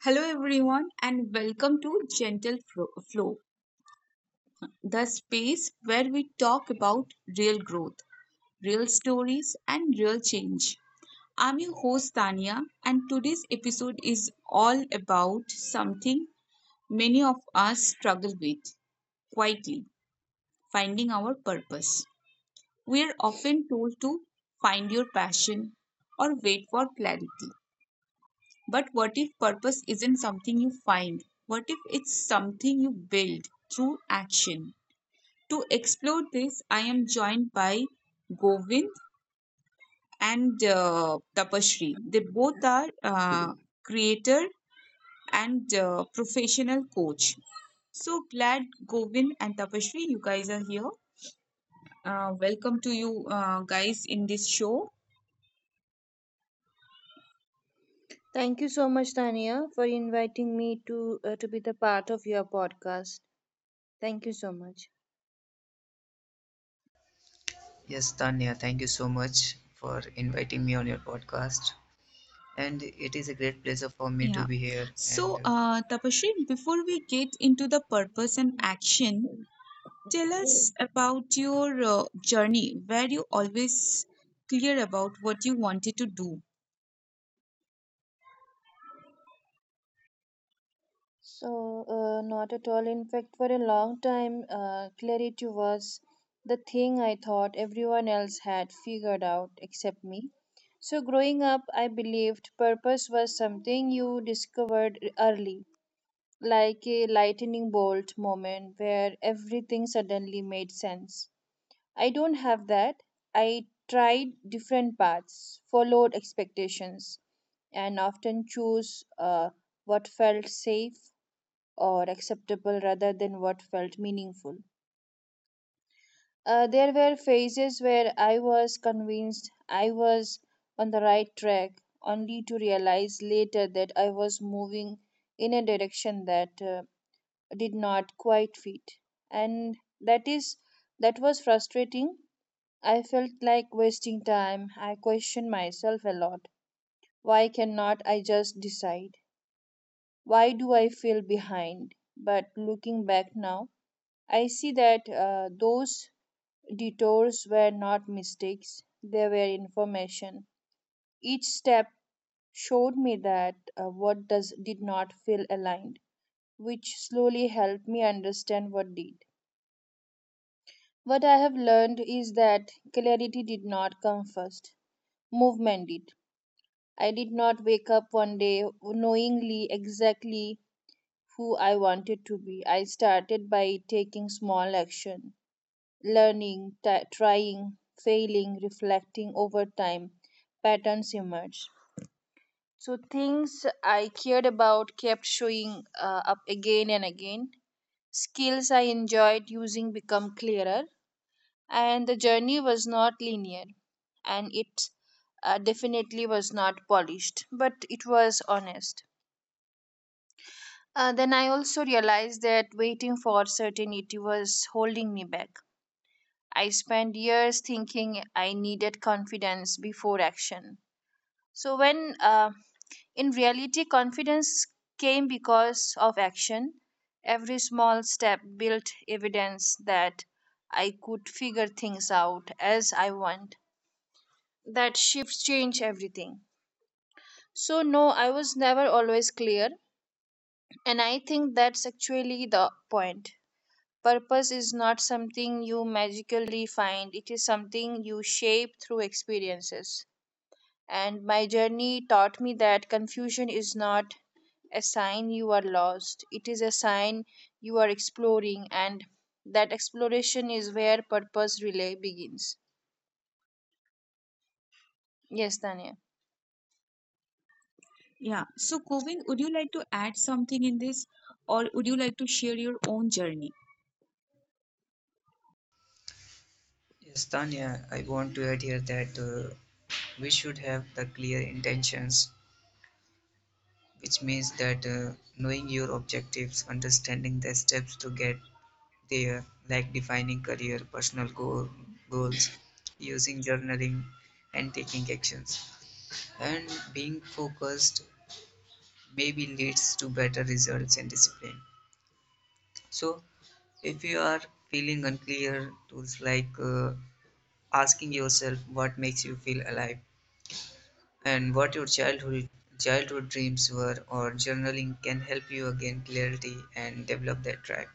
Hello, everyone, and welcome to Gentle Flow, the space where we talk about real growth, real stories, and real change. I'm your host, Tania, and today's episode is all about something many of us struggle with quietly finding our purpose. We are often told to find your passion or wait for clarity. But what if purpose isn't something you find? What if it's something you build through action? To explore this, I am joined by Govind and Tapashri. They both are creator and professional coach. So glad Govind and Tapashri, you guys are here. Welcome to you guys in this show. Thank you so much, Tania, for inviting me to be the part of your podcast. Thank you so much. Yes, Tanya, thank you so much for inviting me on your podcast, and it is a great pleasure for me to Yeah. be here. And So, Tapashri, before we get into the purpose and action, tell us about your journey. Were you always clear about what you wanted to do? So, not at all. In fact, for a long time, clarity was the thing I thought everyone else had figured out except me. So, growing up, I believed purpose was something you discovered early, like a lightning bolt moment where everything suddenly made sense. I don't have that. I tried different paths, followed expectations, and often chose what felt safe or acceptable rather than what felt meaningful. There were phases where I was convinced I was on the right track, only to realize later that I was moving in a direction that did not quite fit. And that was frustrating. I felt like wasting time. I questioned myself a lot. Why cannot I just decide? Why do I feel behind? But looking back now, I see that those detours were not mistakes, they were information. Each step showed me that what does did not feel aligned, which slowly helped me understand what did. What I have learned is that clarity did not come first, movement did. I did not wake up one day knowingly exactly who I wanted to be. I started by taking small action, learning, trying, failing, reflecting over time. Patterns emerged. So things I cared about kept showing up again and again. Skills I enjoyed using become clearer, and the journey was not linear, and it definitely was not polished, but it was honest. Then I also realized that waiting for certainty was holding me back. I spent years thinking I needed confidence before action. So, when in reality, confidence came because of action. Every small step built evidence that I could figure things out as I want. That shift changed everything. So, no, I was never always clear, and I think that's actually the point. Purpose is not something you magically find, it is something you shape through experiences. And my journey taught me that confusion is not a sign you are lost, it is a sign you are exploring, and that exploration is where purpose relay begins. Yes, Tanya. Yeah. So, Govind, would you like to add something in this, or would you like to share your own journey? yes, Tanya, I want to add here that we should have the clear intentions, which means that knowing your objectives, understanding the steps to get there, like defining career, personal goals, using journaling, and taking actions. And being focused maybe leads to better results and discipline. So, if you are feeling unclear, tools like asking yourself what makes you feel alive and what your childhood dreams were, or journaling can help you gain clarity and develop that drive.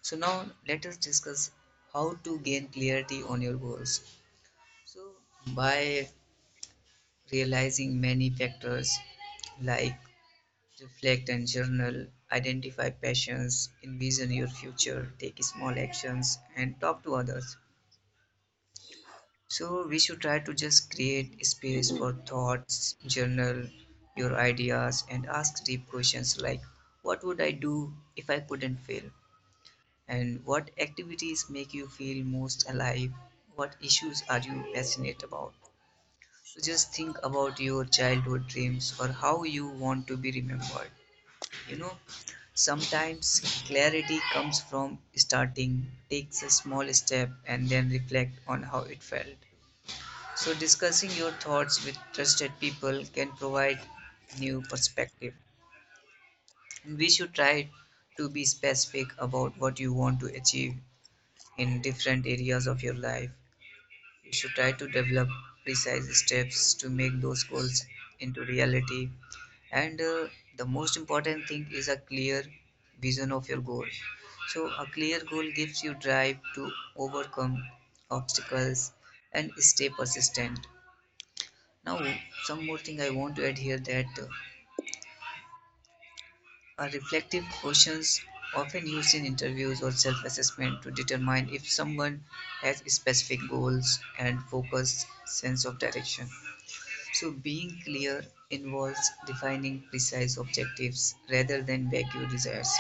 So now let us discuss how to gain clarity on your goals, so by realizing many factors like reflect and journal, identify passions, envision your future, take small actions, and talk to others. So we should try to just create space for thoughts, journal your ideas, and ask deep questions like what would I do if I couldn't fail? And what activities make you feel most alive? What issues are you passionate about? So just think about your childhood dreams or how you want to be remembered. You know, sometimes clarity comes from starting, takes a small step, and then reflect on how it felt. So, discussing your thoughts with trusted people can provide new perspective. We should try to be specific about what you want to achieve in different areas of your life. You should try to develop precise steps to make those goals into reality. And the most important thing is a clear vision of your goal. So, a clear goal gives you drive to overcome obstacles and stay persistent. Now, some more thing I want to add here that are reflective questions often used in interviews or self-assessment to determine if someone has specific goals and focused sense of direction. So, being clear involves defining precise objectives rather than vague desires.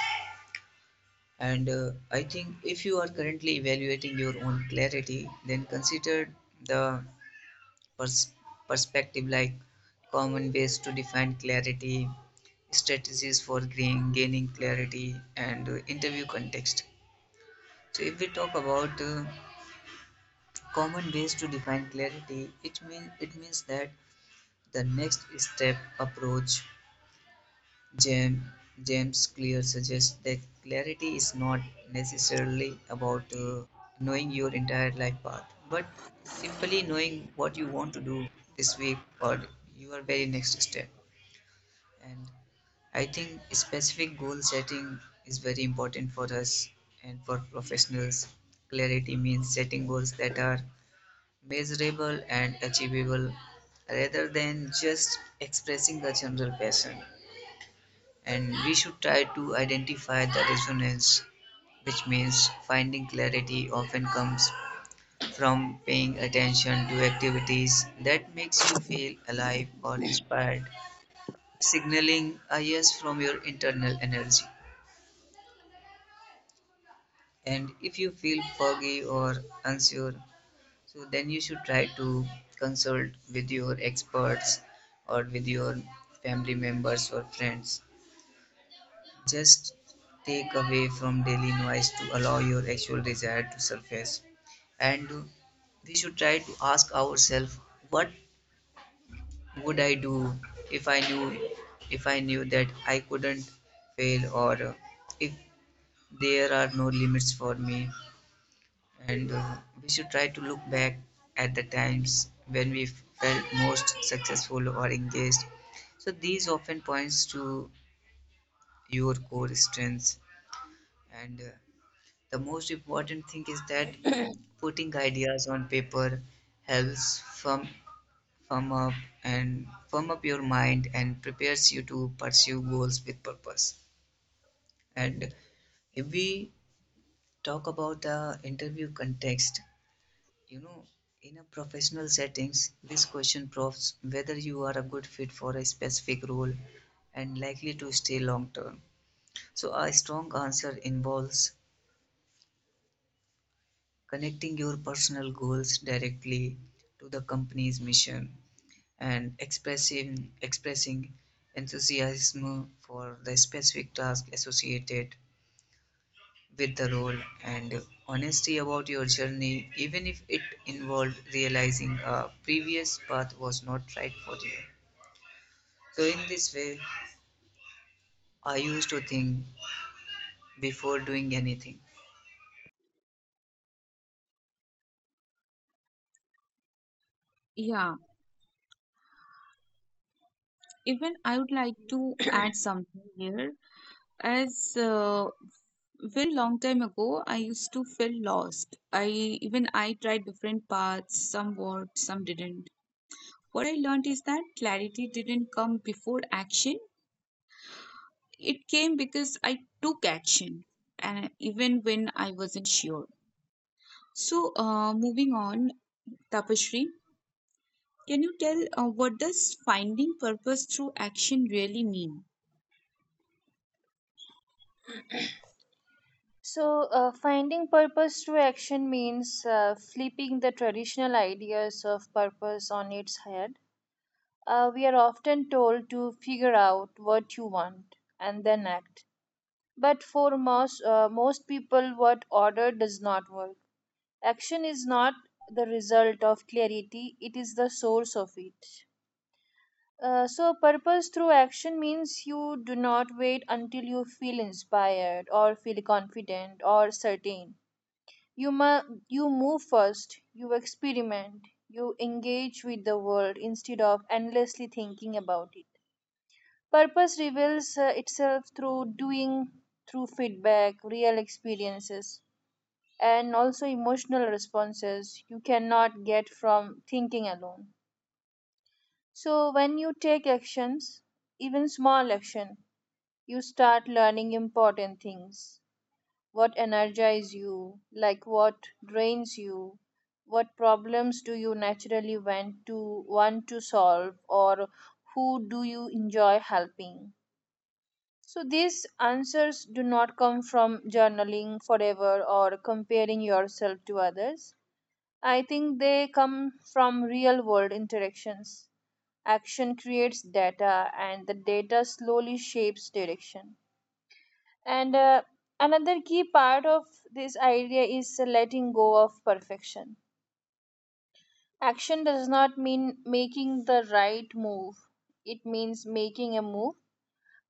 And I think if you are currently evaluating your own clarity, then consider the pers- perspective like common ways to define clarity, strategies for gaining clarity, and interview context. So if we talk about common ways to define clarity, it means that the next step approach James, Clear suggests that clarity is not necessarily about knowing your entire life path, but simply knowing what you want to do this week or your very next step. And I think specific goal setting is very important for us and for professionals. Clarity means setting goals that are measurable and achievable rather than just expressing the general passion. And we should try to identify the resonance, which means finding clarity often comes from paying attention to activities that makes you feel alive or inspired, signaling a yes from your internal energy. And if you feel foggy or unsure, so then you should try to consult with your experts or with your family members or friends. Just take away from daily noise to allow your actual desire to surface. And we should try to ask ourselves, what would I do if I knew if I knew that I couldn't fail, or if there are no limits for me? And we should try to look back at the times when we felt most successful or engaged, so these often points to your core strengths. And the most important thing is that putting ideas on paper helps firm up firm up your mind and prepares you to pursue goals with purpose. And if we talk about the interview context, you know, in a professional settings, this question proves whether you are a good fit for a specific role and likely to stay long term. So, a strong answer involves connecting your personal goals directly to the company's mission and expressing enthusiasm for the specific task associated with the role, and honesty about your journey, even if it involved realizing a previous path was not right for you. So, in this way, I used to think before doing anything. Yeah. Even I would like to add something here. As very long time ago, I used to feel lost. I tried different paths. Some worked, some didn't. What I learned is that clarity didn't come before action. It came because I took action, and even when I wasn't sure. So, moving on, Tapashri, can you tell what does finding purpose through action really mean? So, finding purpose through action means flipping the traditional ideas of purpose on its head. We are often told to figure out what you want and then act. But for most people, what order does not work. Action is not the result of clarity, it is the source of it. So, purpose through action means you do not wait until you feel inspired or feel confident or certain. You move first, you experiment, you engage with the world instead of endlessly thinking about it. Purpose reveals itself through doing, through feedback, real experiences, and also emotional responses you cannot get from thinking alone. So, when you take actions, even small action, you start learning important things. What energizes you, like what drains you, what problems do you naturally want to solve, or who do you enjoy helping? So these answers do not come from journaling forever or comparing yourself to others. I think they come from real world interactions. Action creates data, and the data slowly shapes direction. And another key part of this idea is letting go of perfection. Action does not mean making the right move, it means making a move.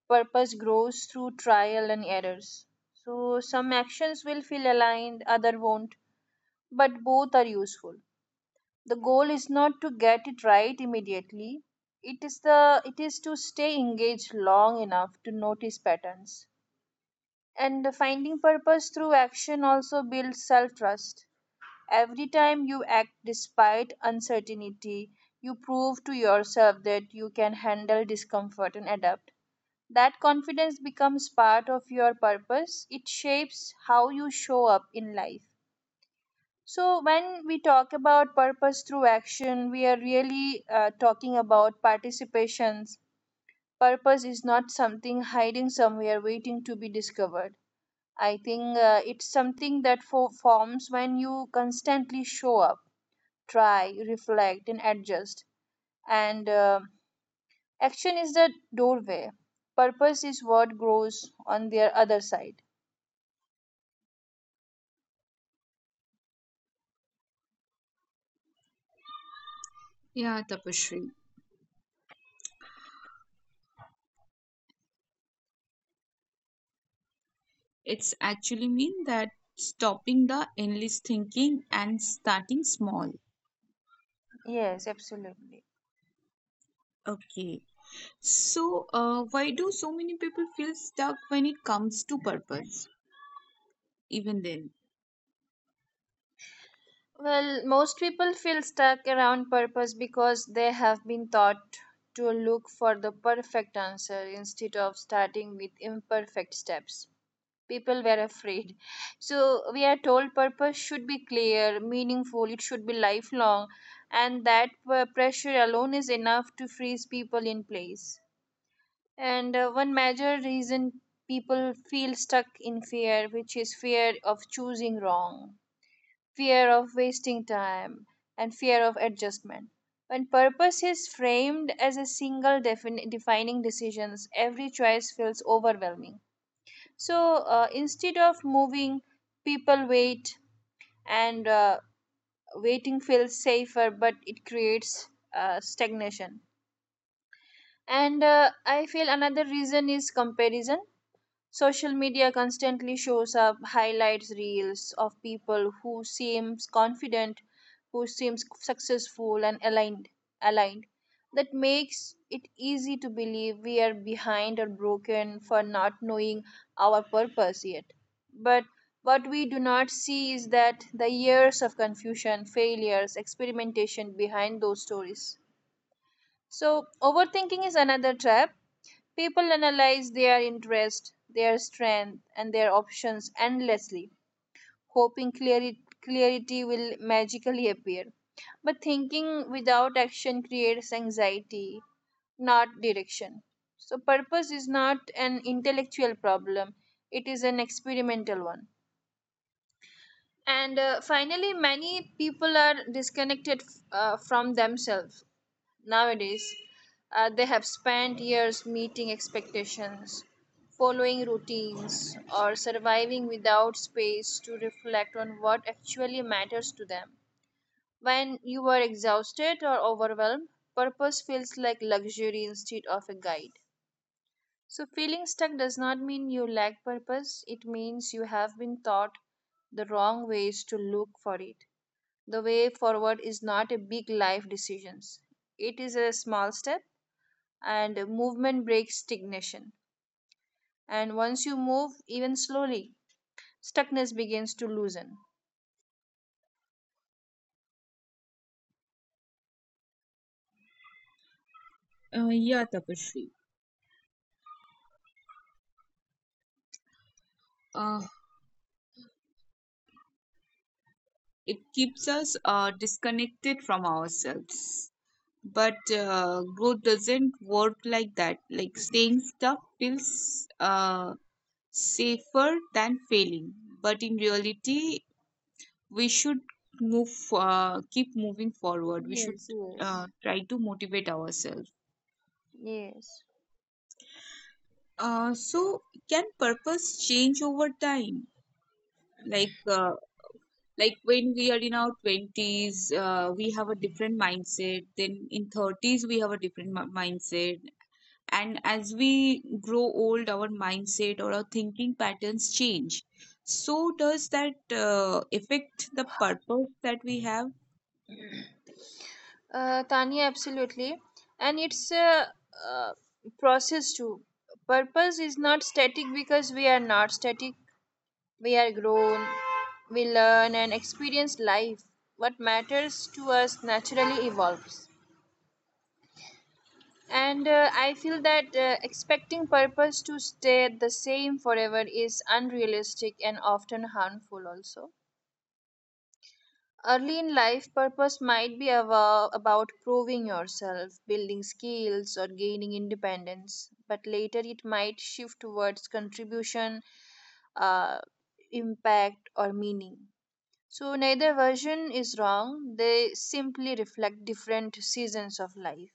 Purpose grows through trial and errors. So, some actions will feel aligned, other won't, but both are useful. The goal is not to get it right immediately. It is to stay engaged long enough to notice patterns. And finding purpose through action also builds self-trust. Every time you act despite uncertainty, you prove to yourself that you can handle discomfort and adapt. That confidence becomes part of your purpose. It shapes how you show up in life. So, when we talk about purpose through action, we are really talking about participations. Purpose is not something hiding somewhere waiting to be discovered. I think it's something that forms when you constantly show up, try, reflect, and adjust. And action is the doorway. Purpose is what grows on their other side. Yeah, Tapashri. It's actually mean that stopping the endless thinking and starting small. Yes, absolutely. Okay. So, why do so many people feel stuck when it comes to purpose, even then? Well, most people feel stuck around purpose because they have been taught to look for the perfect answer instead of starting with imperfect steps. People were afraid. So, we are told purpose should be clear, meaningful, it should be lifelong, and that pressure alone is enough to freeze people in place. And one major reason people feel stuck in fear, which is fear of choosing wrong, fear of wasting time, and fear of adjustment. When purpose is framed as a single defining decisions, every choice feels overwhelming. So instead of moving, people wait, and waiting feels safer, but it creates stagnation. And I feel another reason is comparison. Social media constantly shows up highlights reels of people who seems confident, who seems successful and aligned. That makes it easy to believe we are behind or broken for not knowing our purpose yet. But what we do not see is that the years of confusion, failures, experimentation behind those stories. So, overthinking is another trap. People analyze their interest, their strength, and their options endlessly, hoping clarity will magically appear. But thinking without action creates anxiety, not direction. So, purpose is not an intellectual problem, it is an experimental one. And finally, many people are disconnected from themselves. Nowadays, they have spent years meeting expectations, following routines, or surviving without space to reflect on what actually matters to them. When you are exhausted or overwhelmed, purpose feels like luxury instead of a guide. So, feeling stuck does not mean you lack purpose, it means you have been taught the wrong ways to look for it. The way forward is not a big life decisions. It is a small step, and movement breaks stagnation. And once you move, even slowly, stuckness begins to loosen. Yeah, Tapashri. Uh, it keeps us disconnected from ourselves. But growth doesn't work like that. Like staying stuck feels safer than failing. But in reality, we should move, keep moving forward. We should Yes, yes. try to motivate ourselves. Yes. So, can purpose change over time? Like, uh, like when we are in our 20s we have a different mindset then in 30s we have a different mindset, and as we grow old our mindset or our thinking patterns change. So does that affect the purpose that we have? Tanya, absolutely. And it's a, uh process too. Purpose is not static because we are not static. We are grown, we learn and experience life. What matters to us naturally evolves. And I feel that expecting purpose to stay the same forever is unrealistic and often harmful, also. Early in life, purpose might be about proving yourself, building skills, or gaining independence, but later it might shift towards contribution, uh, impact, or meaning. So, neither version is wrong, they simply reflect different seasons of life.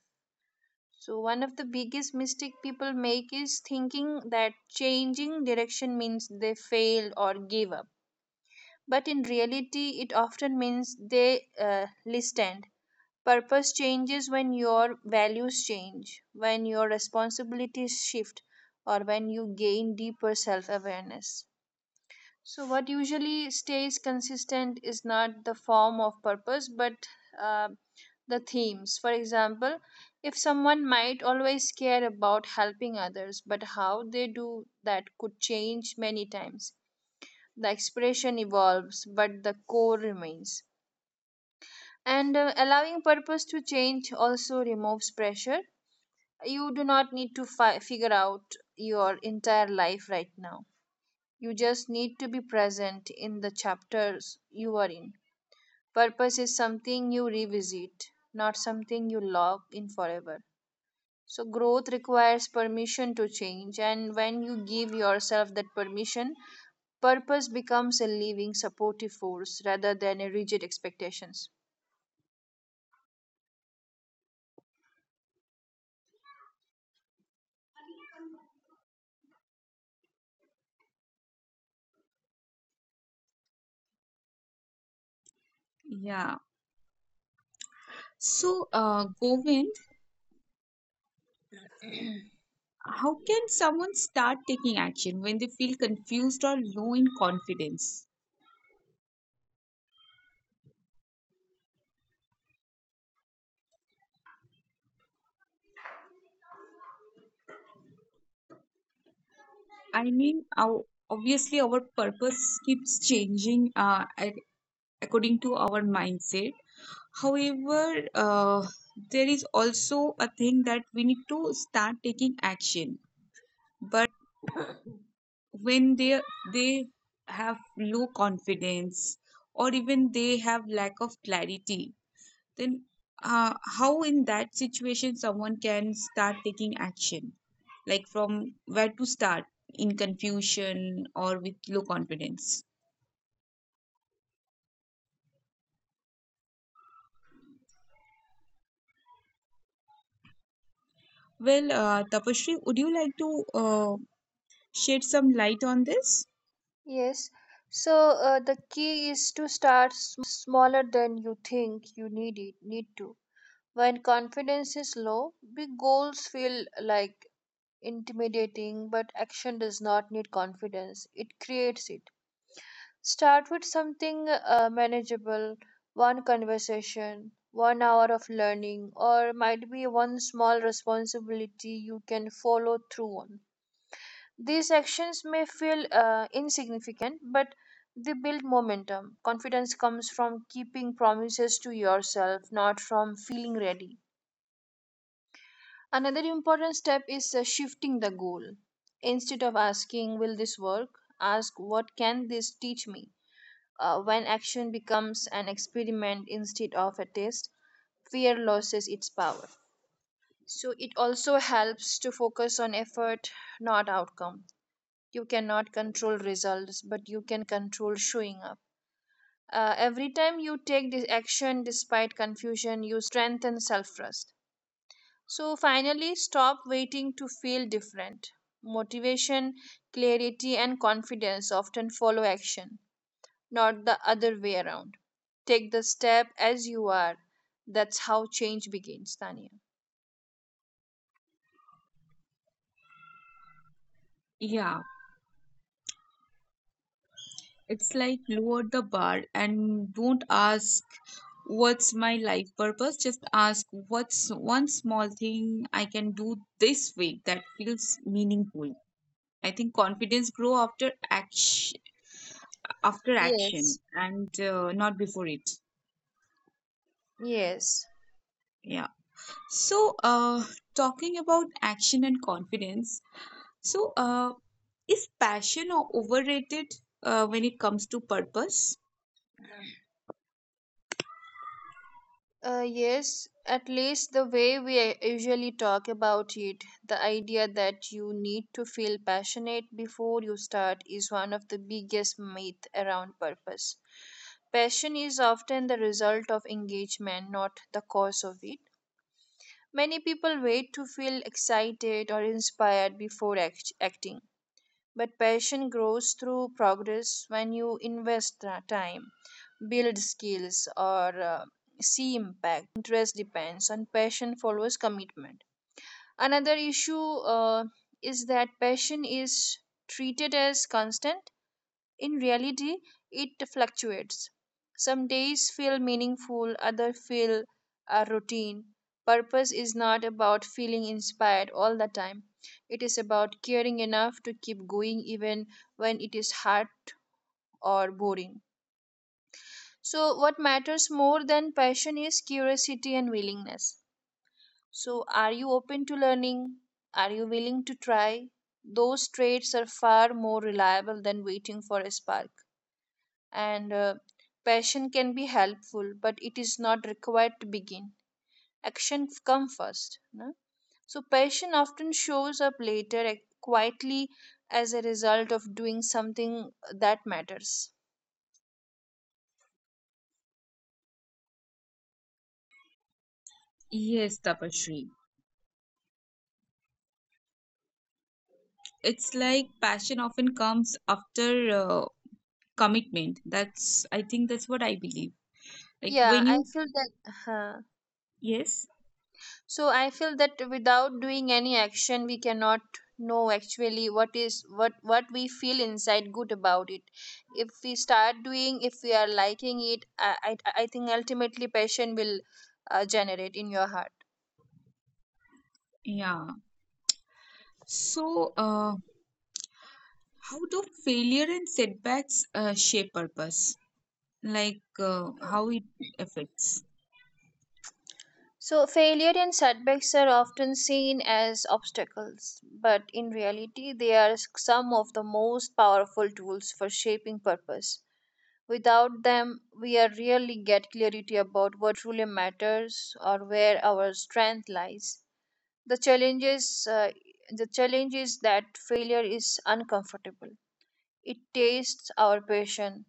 So, one of the biggest mistake people make is thinking that changing direction means they failed or give up. But in reality, it often means they listened. Purpose changes when your values change, when your responsibilities shift, or when you gain deeper self awareness. So, what usually stays consistent is not the form of purpose but uh, the themes. For example, if someone might always care about helping others, but how they do that could change many times. The expression evolves, but the core remains. And allowing purpose to change also removes pressure. You do not need to figure out your entire life right now. You just need to be present in the chapters you are in. Purpose is something you revisit, not something you lock in forever. So, growth requires permission to change, and when you give yourself that permission, purpose becomes a living, supportive force rather than a rigid expectations. Yeah. So, Govind, how can someone start taking action when they feel confused or low in confidence? I mean, our obviously our purpose keeps changing according to our mindset. However, there is also a thing that we need to start taking action. But when they have low confidence or even they have lack of clarity, then uh, how in that situation someone can start taking action? Like from where to start in confusion or with low confidence? Well, Tapashri, would you like to uh, shed some light on this? Yes. So the key is to start smaller than you think you need to. When confidence is low, big goals feel like intimidating, but action does not need confidence, it creates it. Start with something manageable one conversation, 1 hour of learning, or might be one small responsibility you can follow through on. These actions may feel insignificant, but they build momentum. Confidence comes from keeping promises to yourself, not from feeling ready. Another important step is shifting the goal. Instead of asking, "Will this work?" ask, "What can this teach me?" When action becomes an experiment instead of a test, fear loses its power. So it also helps to focus on effort, not outcome. You cannot control results, but you can control showing up. Every time you take this action despite confusion, you strengthen self trust. So finally, stop waiting to feel different. Motivation, clarity, and confidence often follow action, not the other way around. Take the step as you are. That's how change begins, Tania. Yeah, it's like lower the bar and don't ask what's my life purpose. Just ask what's one small thing I can do this week that feels meaningful. I think confidence grow after action, Yes, and not before it. yes. Yeah. So, talking about action and confidence. So, is passion overrated when it comes to purpose? Yes, at least the way we usually talk about it, the idea that you need to feel passionate before you start is one of the biggest myths around purpose. Passion is often the result of engagement, not the cause of it. Many people wait to feel excited or inspired before acting, but passion grows through progress when you invest time, build skills, or see impact. Interest depends on passion, follows commitment. Another issue is that passion is treated as constant. In reality, it fluctuates. Some days feel meaningful, others feel routine. Purpose is not about feeling inspired all the time. It is about caring enough to keep going even when it is hard or boring. So, what matters more than passion is curiosity and willingness. So, are you open to learning? Are you willing to try? Those traits are far more reliable than waiting for a spark. And passion can be helpful, but it is not required to begin action come first, no? So passion often shows up later, quietly, as a result of doing something that matters. Yes, Tapashri. It's like passion often comes after commitment. That's, I think that's what I believe. Like Yeah, when I you, feel that. yes, So I feel that without doing any action we cannot know actually what is what we feel inside good about it. If we start doing, if we are liking it, I think ultimately passion will generate in your heart. yeah. So, how do failure and setbacks shape purpose? Like how it affects. So failure and setbacks are often seen as obstacles, but in reality they are some of the most powerful tools for shaping purpose. Without them, we are rarely get clarity about what truly matters or where our strength lies. The challenge is, uh, the challenge is that failure is uncomfortable. It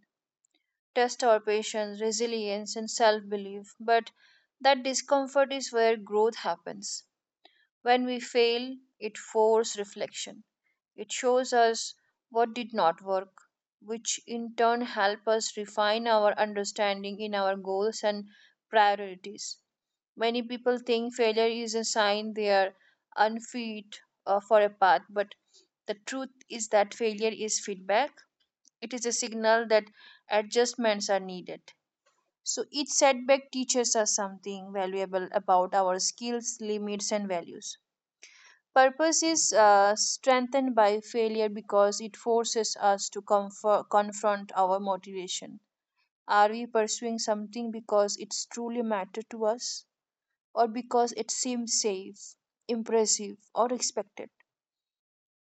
tests our patience, resilience, and self-belief. But that discomfort is where growth happens. When we fail, it forces reflection. It shows us what did not work, which in turn help us refine our understanding in our goals and priorities. Many people think failure is a sign they are unfit for a path, but the truth is that failure is feedback. It is a signal that adjustments are needed. So each setback teaches us something valuable about our skills, limits, and values. Purpose is strengthened by failure because it forces us to confront our motivation. Are we pursuing something because it's truly matter to us, or because it seems safe, impressive, or expected?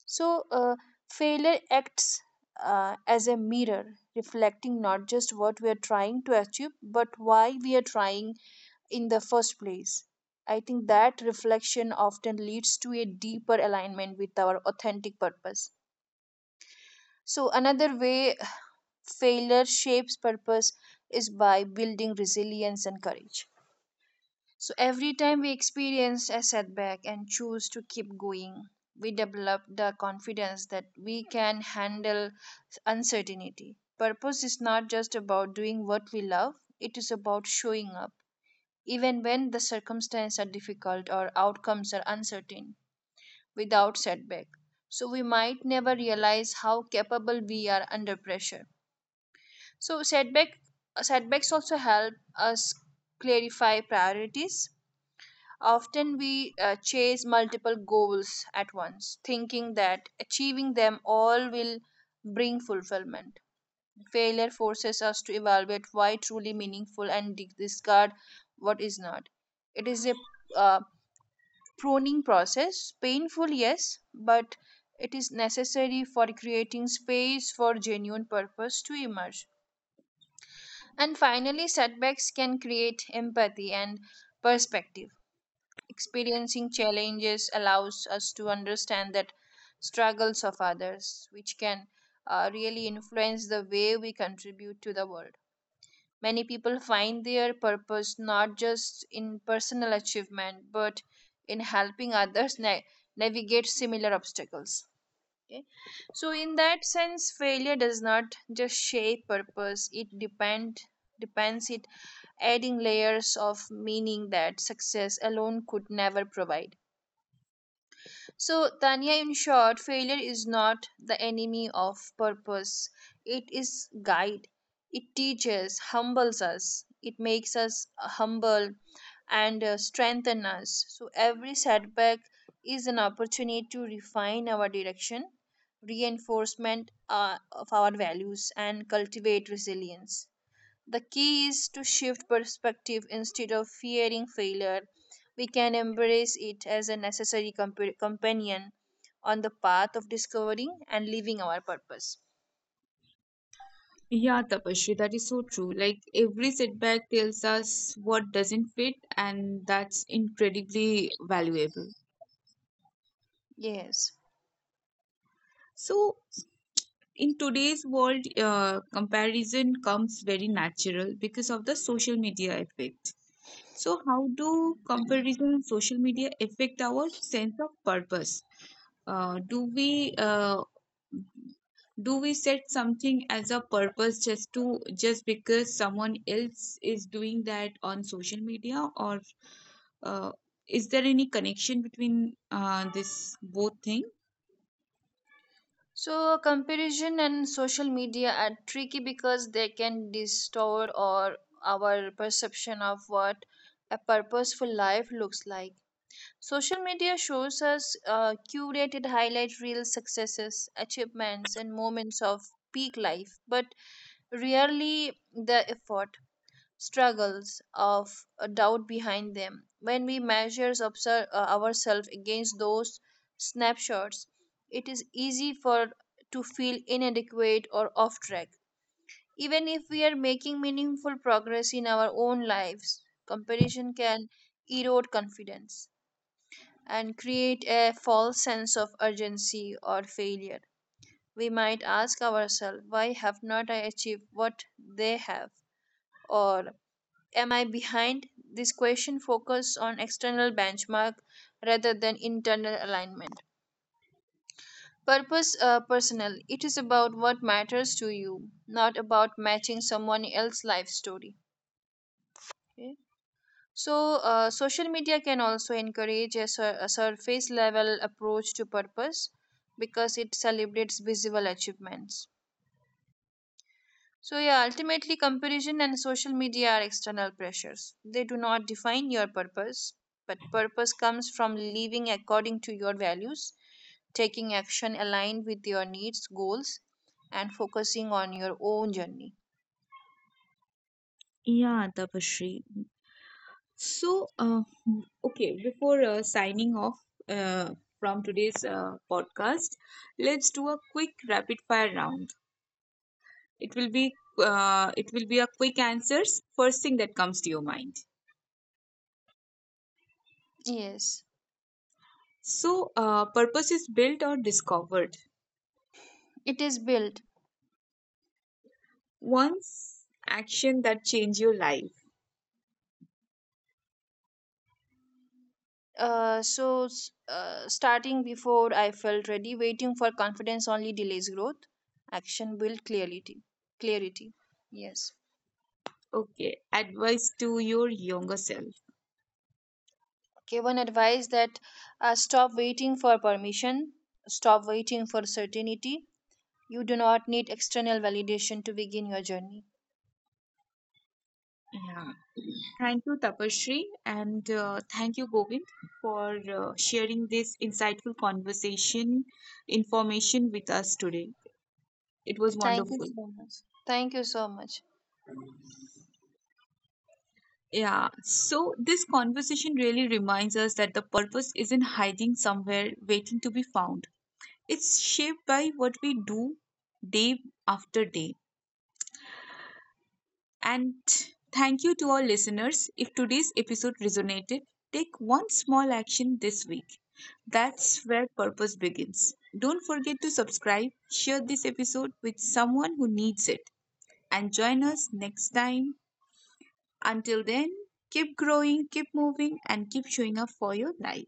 So, failure acts as a mirror, reflecting not just what we are trying to achieve, but why we are trying in the first place. I think that reflection often leads to a deeper alignment with our authentic purpose. So, another way failure shapes purpose is by building resilience and courage. So every time we experience a setback and choose to keep going, we develop the confidence that we can handle uncertainty. Purpose is not just about doing what we love, it is about showing up, even when the circumstances are difficult or outcomes are uncertain, without setback. So we might never realize how capable we are under pressure. So setbacks also help us clarify priorities. Often we chase multiple goals at once, thinking that achieving them all will bring fulfillment. Failure forces us to evaluate why truly meaningful and discard what is not. It is a uh, pruning process, painful, yes, but it is necessary for creating space for genuine purpose to emerge. And finally, setbacks can create empathy and perspective. Experiencing challenges allows us to understand that struggles of others, which can really influence the way we contribute to the world. Many people find their purpose not just in personal achievement, but in helping others navigate similar obstacles. Okay? So, in that sense, failure does not just shape purpose; it depends it adding layers of meaning that success alone could never provide. So, Tanya, in short, failure is not the enemy of purpose. It is guide. It teaches, humbles us. It makes us humble and strengthen us. So every setback is an opportunity to refine our direction, reinforcement of our values, and cultivate resilience. The key is to shift perspective. Instead of fearing failure, we can embrace it as a necessary companion on the path of discovering and living our purpose. Yeah, Tapashri, that is so true. Like every setback tells us what doesn't fit, and that's incredibly valuable. Yes. So, in today's world, comparison comes very natural because of the social media effect. So, how do comparison on social media affect our sense of purpose? Do we do we set something as a purpose just to just because someone else is doing that on social media, or uh, is there any connection between this both thing? So, comparison and social media are tricky because they can distort or our perception of what a purposeful life looks like. Social media shows us curated highlight reel successes, achievements, and moments of peak life, but rarely the effort, struggles of a doubt behind them. When we measure ourselves against those snapshots, it is easy for to feel inadequate or off track. Even if we are making meaningful progress in our own lives, comparison can erode confidence and create a false sense of urgency or failure. We might ask ourselves, why have not I achieved what they have? Or am I behind? This question focuses on external benchmark rather than internal alignment. Purpose personal. It is about what matters to you, not about matching someone else's life story. Okay? So, social media can also encourage a surface level approach to purpose because it celebrates visible achievements. So, yeah, ultimately, comparison and social media are external pressures. They do not define your purpose, but purpose comes from living according to your values, taking action aligned with your needs, goals, and focusing on your own journey. Yeah, Tapashri. So, okay, before signing off uh, from today's podcast, let's do a quick rapid fire round. It will be it will be a quick answers. First thing that comes to your mind. Yes, So, purpose is built or discovered. it is built. Once action that change your life. So starting before I felt ready, waiting for confidence only delays growth. Action build clarity. Clarity. Yes. Okay, advice to your younger self. Okay. One advice that stop waiting for permission. Stop waiting for certainty. You do not need external validation to begin your journey. Yeah. Thank you, Tapasree, and thank you, Govind, for sharing this insightful conversation information with us today. It was Thank you wonderful. so much. Thank you so much. Yeah, so this conversation really reminds us that the purpose isn't hiding somewhere waiting to be found. It's shaped by what we do day after day. And thank you to our listeners. If today's episode resonated, take one small action this week. That's where purpose begins. Don't forget to subscribe, share this episode with someone who needs it, and join us next time. Until then, keep growing, keep moving, and keep showing up for your life.